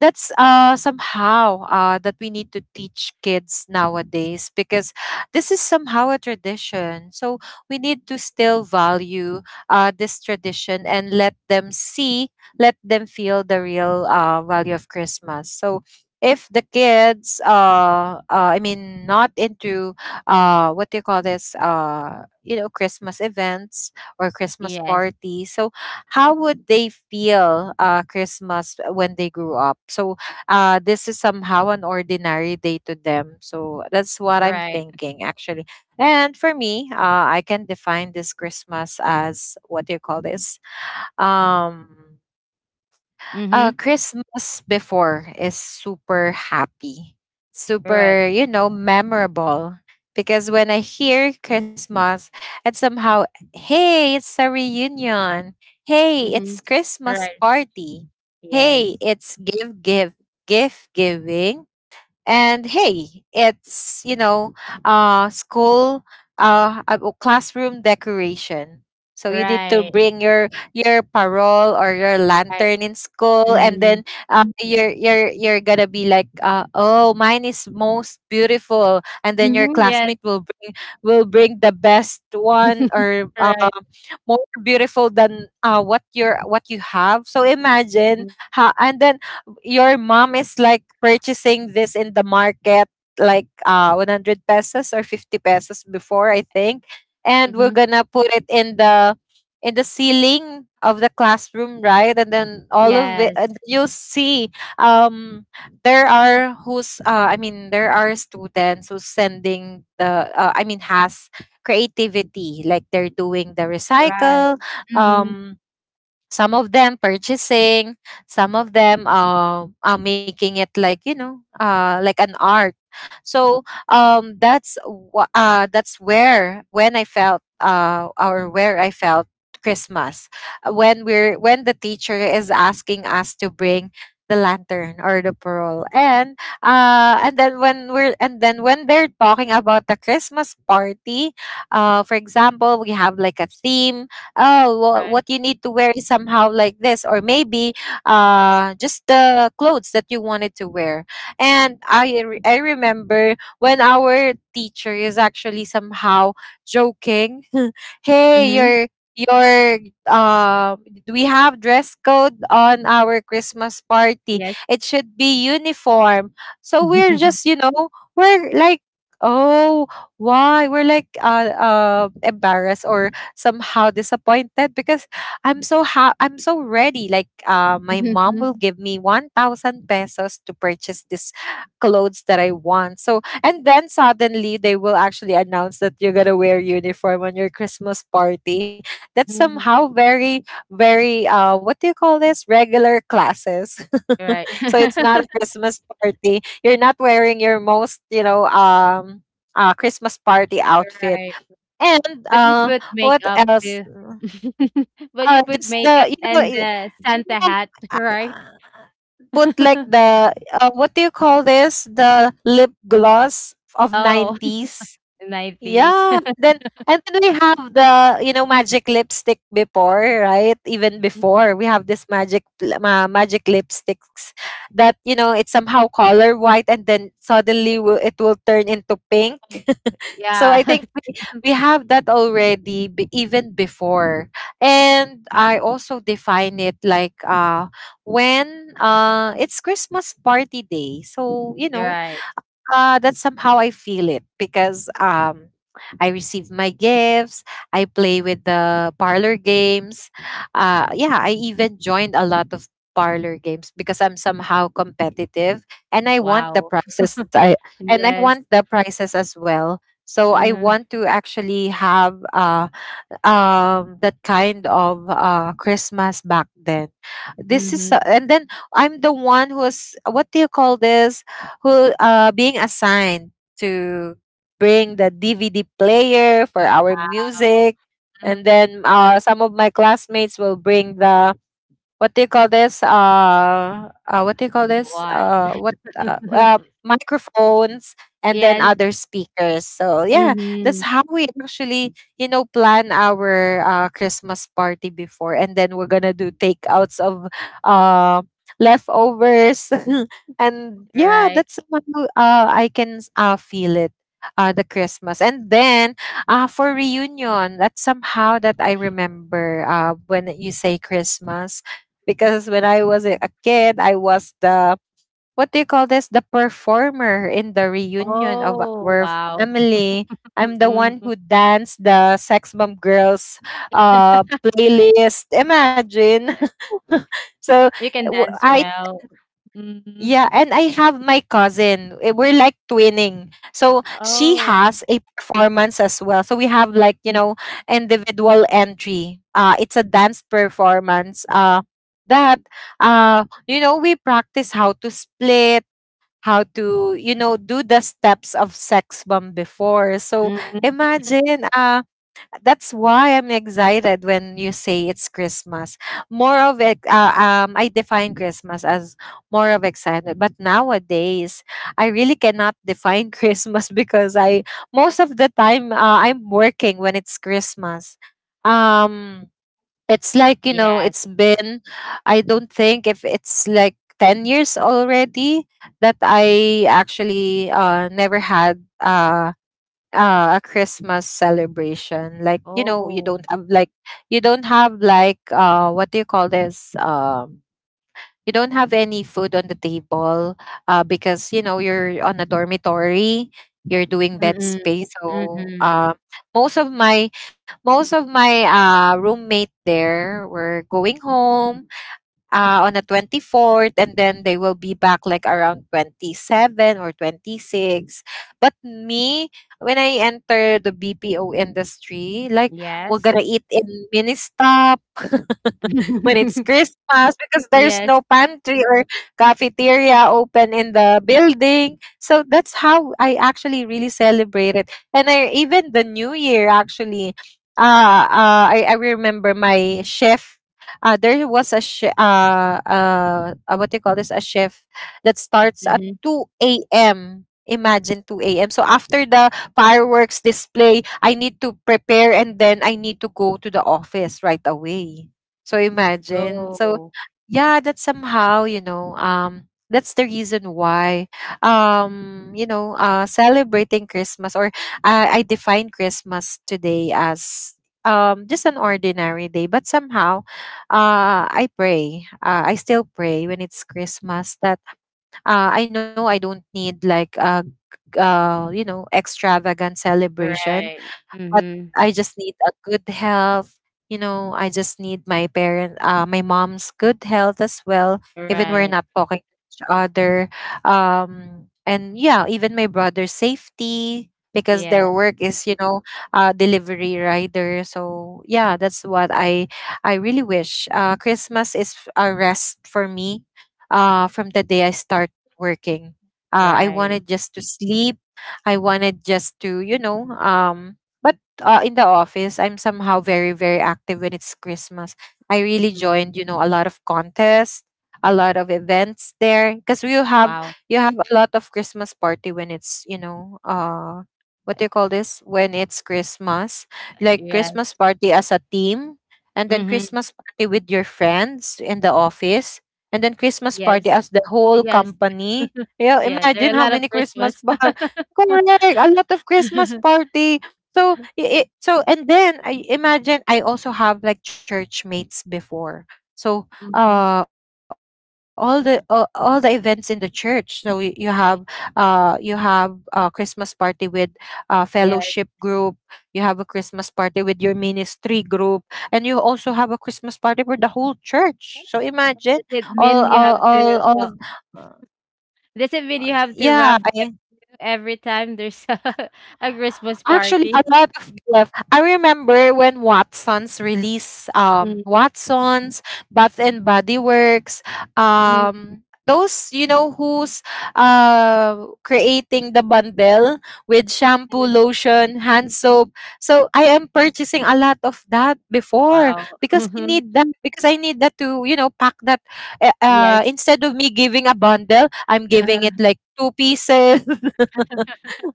that's somehow that we need to teach kids nowadays because this is somehow a tradition, so we need to still value this tradition and let them see, let them feel the real value of Christmas. So if the kids I mean not into what do you call this, Christmas events or Christmas Yes. parties, so how would they feel Christmas when they grew up? So this is somehow an ordinary day to them. So that's what I'm Right. thinking actually. And for me, I can define this Christmas as what do you call this? Um, Mm-hmm. Christmas before is super happy, Right. super, you know, memorable. Because when I hear Christmas, and somehow, hey, it's a reunion. Hey, Mm-hmm. it's Christmas Right. party. Yes. Hey, it's gift giving, and hey, it's school oh, classroom decoration. So you need to Right. bring your parole or your Right. lantern in school, and Mm-hmm. then you're gonna be like oh, mine is most beautiful, and then your Mm-hmm. Yes. classmate will bring, will bring the best one, <laughs> or Right. more beautiful than what your what you have. So imagine Mm-hmm. how, and then your mom is like purchasing this in the market like 100 pesos or 50 pesos before, I think, and we're Mm-hmm. gonna put it in the, in the ceiling of the classroom, right, and then all of it, Yes, and you'll see, um there are who's I mean there are students who's sending the I mean has creativity, like they're doing the right. recycle. Mhm. um some of them purchasing, some of them are making it like, you know, like an art. So that's that's where when I felt or where I felt Christmas. When we're, when the teacher is asking us to bring the lantern or the pearl, and then when we're and then when they're talking about the Christmas party, for example, we have like a theme. Oh, Right. what you need to wear is somehow like this, or maybe just the clothes that you wanted to wear. And I remember when our teacher is actually somehow joking <laughs> hey, Mhm. your uh we have dress code on our Christmas party. Yes. It should be uniform. So we're just, <laughs> you know, we're like, oh, why we're like embarrassed, or somehow disappointed because I'm so ready. Like, my mom will give me 1,000 pesos to purchase this clothes that I want. So, and then suddenly they will actually announce that you're gonna wear uniform on your Christmas party. That's Mhm. somehow very, very what do you call this? Regular classes. <laughs> Right. So it's not a <laughs> Christmas party. You're not wearing your most, you know, Christmas party outfit. Right. And But you put what makeup else? too. <laughs> But you put Just the makeup you know and I- the No, Santa hat, <laughs> I- right? uh, put like <laughs> the what do you call this, the lip gloss of Oh, <laughs> 90s, 90s. yeah. Then and then we have the, you know, magic lipstick before, right? Even <laughs> before we have this magic lipsticks that, you know, it's somehow color white, and then suddenly it will turn into pink. So Yeah. I think we <laughs> have that already even before. And I also define it like, when it's Christmas party day. So, you You're know, right. That's somehow I feel it because I receive my gifts. I play with the parlor games. Yeah, I even joined a lot of parlor games because I'm somehow competitive and I want the Wow. prizes. <laughs> I And I want Yes. the prizes as well. So I Mm-hmm. want to actually have that kind of Christmas back then. Mm-hmm. And then I'm the one who's what do you call this? Who being assigned to bring the DVD player for our Wow. music, and Mhm. then some of my classmates will bring the, what do you call this? What do you call this? What? What <laughs> microphones and then Yes. other speakers. So yeah, that's Mm-hmm. how we actually, you know, plan our Christmas party before, and then we're gonna do takeouts of uh leftovers, <laughs> and yeah, Right. that's how I can feel it. The Christmas, and then for reunion, that's somehow that I remember when you say Christmas. Because when I was a kid, I was the what do you call this? The performer in the reunion of Oh, our wow. family. <laughs> I'm the Mm, one mm. who danced the Sex Bomb Girls playlist. Imagine. <laughs> So You can w- dance I well. Mm. yeah, and I have my cousin. Eh, we're like twinning. So she Oh. has a performance as well. So we have like, you know, individual entry. It's a dance performance. That You know, we practice how to split, how to, you know, do the steps of sex bomb before. So Mm-mm. imagine that's why I'm excited when you say it's Christmas. More of it, I define Christmas as more of excitement. But nowadays, I really cannot define <laughs> Christmas because I most of the time I'm working when it's Christmas. Um, it's like, you know, Yes. it's been. I don't think if it's like 10 years already that I actually never had. A Christmas celebration. Like, you know, you Oh. don't have like, you don't have like what do you call this? You don't have any food on the table because, you know, you're on a dormitory. You're doing bed Mm-mm. space, so Mhm. Most of my most of my roommate there were going home on the 24th, and then they will be back like around 27 or 26. But me, when I enter the BPO industry, like we're Yes. gonna eat in mini stop <laughs> when it's <laughs> Christmas, because there's Yes. no pantry or cafeteria open in the building. So that's how I actually really celebrate it. And even the New Year, actually, I remember my chef. There was a chef, what do you call this? A chef that starts at Mhm. 2 a.m. Imagine, 2 a.m. So after the fireworks display, I need to prepare, and then I need to go to the office right away. So imagine. So Oh, yeah, that's somehow, you know, that's the reason why you know, celebrating Christmas or I define Christmas today as just an ordinary day, but somehow I pray. I still pray when it's Christmas that I know I don't need like a you know, extravagant celebration, right. but Mhm. I just need a good health. You know, I just need my parent, my mom's good health as well. Even we're Right. not talking to each other, and yeah, even my brother's safety, because Yeah, their work is, you know, delivery rider. So yeah, that's what I really wish. Christmas is a rest for me. From the day I start working, I right. wanted just to sleep. I wanted just to, you know, but in the office, I'm somehow very, very active when it's Christmas. I really Mhm. joined, you know, a lot of contests, a lot of events there, because you have, Wow. you have a lot of Christmas party when it's, you know, what do you call this? When it's Christmas, like yeah. Christmas party as a team, and then Mhm. Christmas party with your friends in the office, and then Christmas party Yes. as the whole Yes. company. Yeah, Yeah, there are imagine a how lot of many Christmas Christmas. bar. <laughs> Correct, a lot of Christmas <laughs> party. So it so and then I imagine I also have like church mates before. So Mhm. All the events in the church. So you have a Christmas party with a fellowship group. Yes. You have a Christmas party with your ministry group, and you also have a Christmas party for the whole church. So imagine, Does it mean you have to all does it mean you have to yeah, wrap them I every time there's a <laughs> a Christmas Actually, party. a lot of BF. I remember when Watsons released Mhm, Watsons, Bath and Body Works, mhm, um those, you know, who's creating the bundle with shampoo, mhm. lotion, hand soap. So I am purchasing a lot of that before, Wow. because I Mhm. need that, because I need that to, you know, pack that. Yes. Instead of me giving a bundle, I'm giving it <laughs> like two pieces.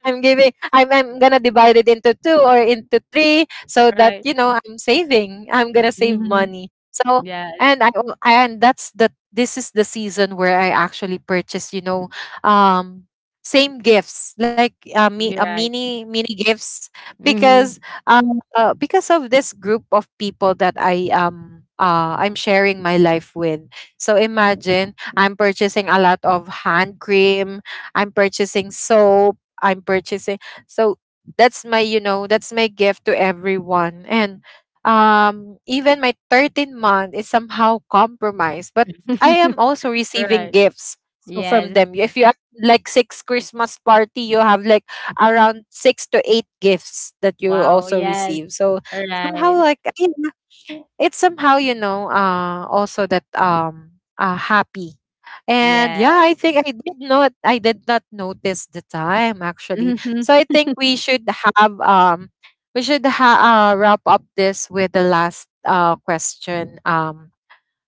I'm gonna divide it into two or into three, so that, Right. you know, I'm saving. I'm gonna save Hmm. money. So Yes. and and that's the this is the season where I actually purchase, you know, um same gifts like, me a You're right. mini mini gifts Hmm. because because of this group of people that I I'm sharing my life with. So imagine I'm purchasing a lot of hand cream, I'm purchasing soap, I'm purchasing. So that's my, you know, that's my gift to everyone. And even my 13th month is somehow compromised, but I am <laughs> also receiving Right. gifts. So from Yes. them, if you have like six Christmas party, you have like around six to eight gifts that you Wow. also Yes. receive. So somehow, Right. like it's somehow, you know, also that happy. And yeah, Yes. I think I did not notice the time actually. Hmm. So I think we should have wrap up this with the last question um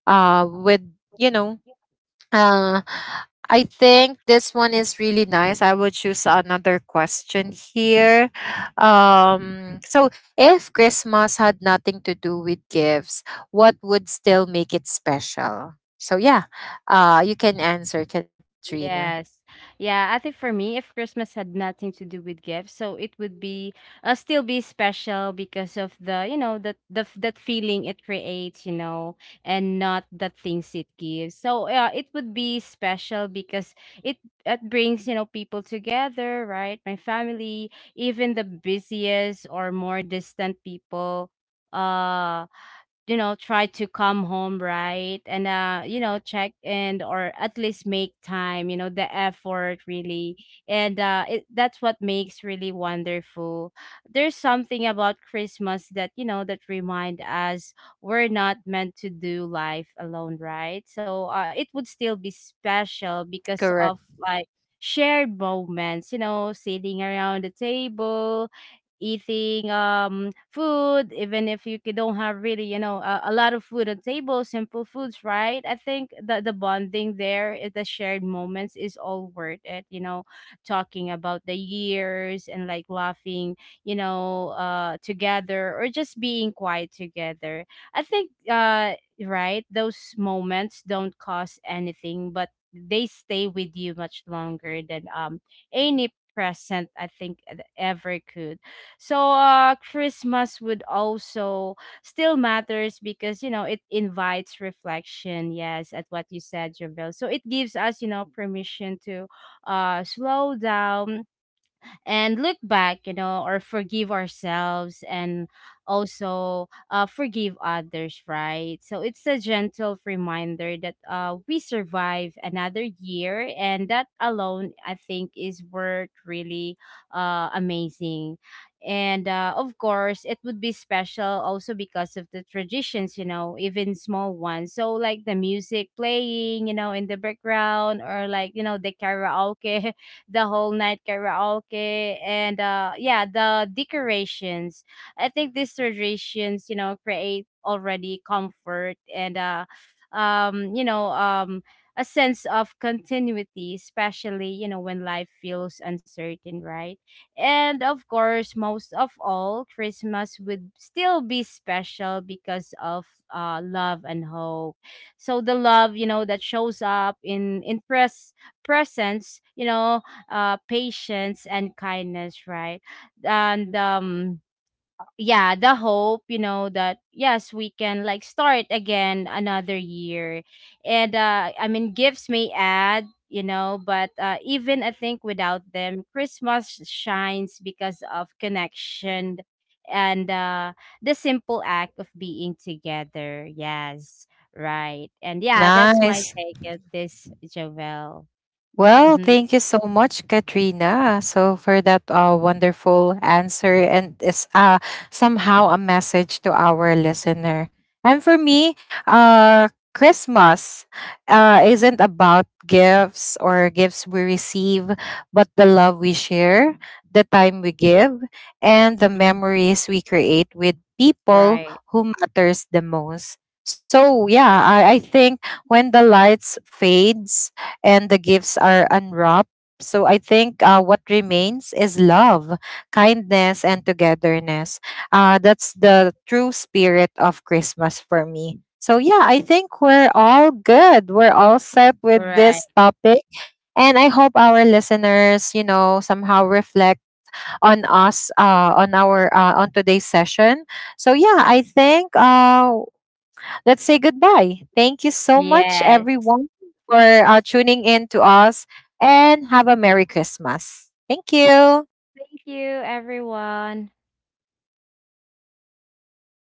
uh with, you know, <laughs> uh, I think this one is really nice. I will choose another question here. So, if Christmas had nothing to do with gifts, what would still make it special? So, yeah, you can answer, Katrina. Yes. Yeah, I think for me, if Christmas had nothing to do with gifts, so it would be still be special because of the, you know, that feeling it creates, you know, and not the things it gives. So yeah, it would be special because it it brings, you know, people together, right? My family, even the busiest or more distant people. Uh you know, try to come home, right, and you know, check in, or at least make time, you know, the effort really. And it, that's what makes really wonderful. There's something about Christmas that, you know, that remind us we're not meant to do life alone, right? So it would still be special because Correct. of like shared moments, you know, sitting around the table, eating food, even if you don't have really, you know, a lot of food on table, simple foods, right? I think that the bonding there, eh, the shared moments is all worth it, you know, talking about the years and like laughing, you know, together, or just being quiet together. I think right, those moments don't cost anything, but they stay with you much longer than any present, I think, ever could. So Christmas would also still matters because, you know, it invites reflection. Yes, at what you said, Javel. So it gives us, you know, permission to slow down and look back, you know, or forgive ourselves, and also forgive others, right? So it's a gentle reminder that we survive another year, and that alone, I think, is worth really amazing. And of course, it would be special also because of the traditions, you know, even small ones. So, like the music playing, you know, in the background, or like, you know, the karaoke, <laughs> the whole night karaoke, and yeah, the decorations. I think these traditions, you know, create already comfort and, you know, a sense of continuity, especially, you know, when life feels uncertain, right? And of course, most of all, Christmas would still be special because of love and hope. So the love, you know, that shows up in presence, you know, patience and kindness, right? And yeah, the hope, you know, that yes, we can like start again another year. And I mean, gifts may add, you know, but even, I think, without them, Christmas shines because of connection, and the simple act of being together. Yes, right. And yeah, that's my Nice. take at this, Jovel. Well, Mm-hmm. thank you so much, Katrina. So for that wonderful answer, and it's somehow a message to our listener. And for me, Christmas isn't about gifts or gifts we receive, but the love we share, the time we give, and the Mm-hmm. memories we create with people Right. who matters the most. So yeah, I think when the lights fades and the gifts are unwrapped. So I think what remains is love, kindness, and togetherness. That's the true spirit of Christmas for me. So yeah, I think we're all good. We're all set with Right. this topic. And I hope our listeners, you know, somehow reflect on us, on today's session. So yeah, I think let's say goodbye. Thank you so much, Yes. everyone, for tuning in to us, and have a Merry Christmas. Thank you. Thank you, everyone.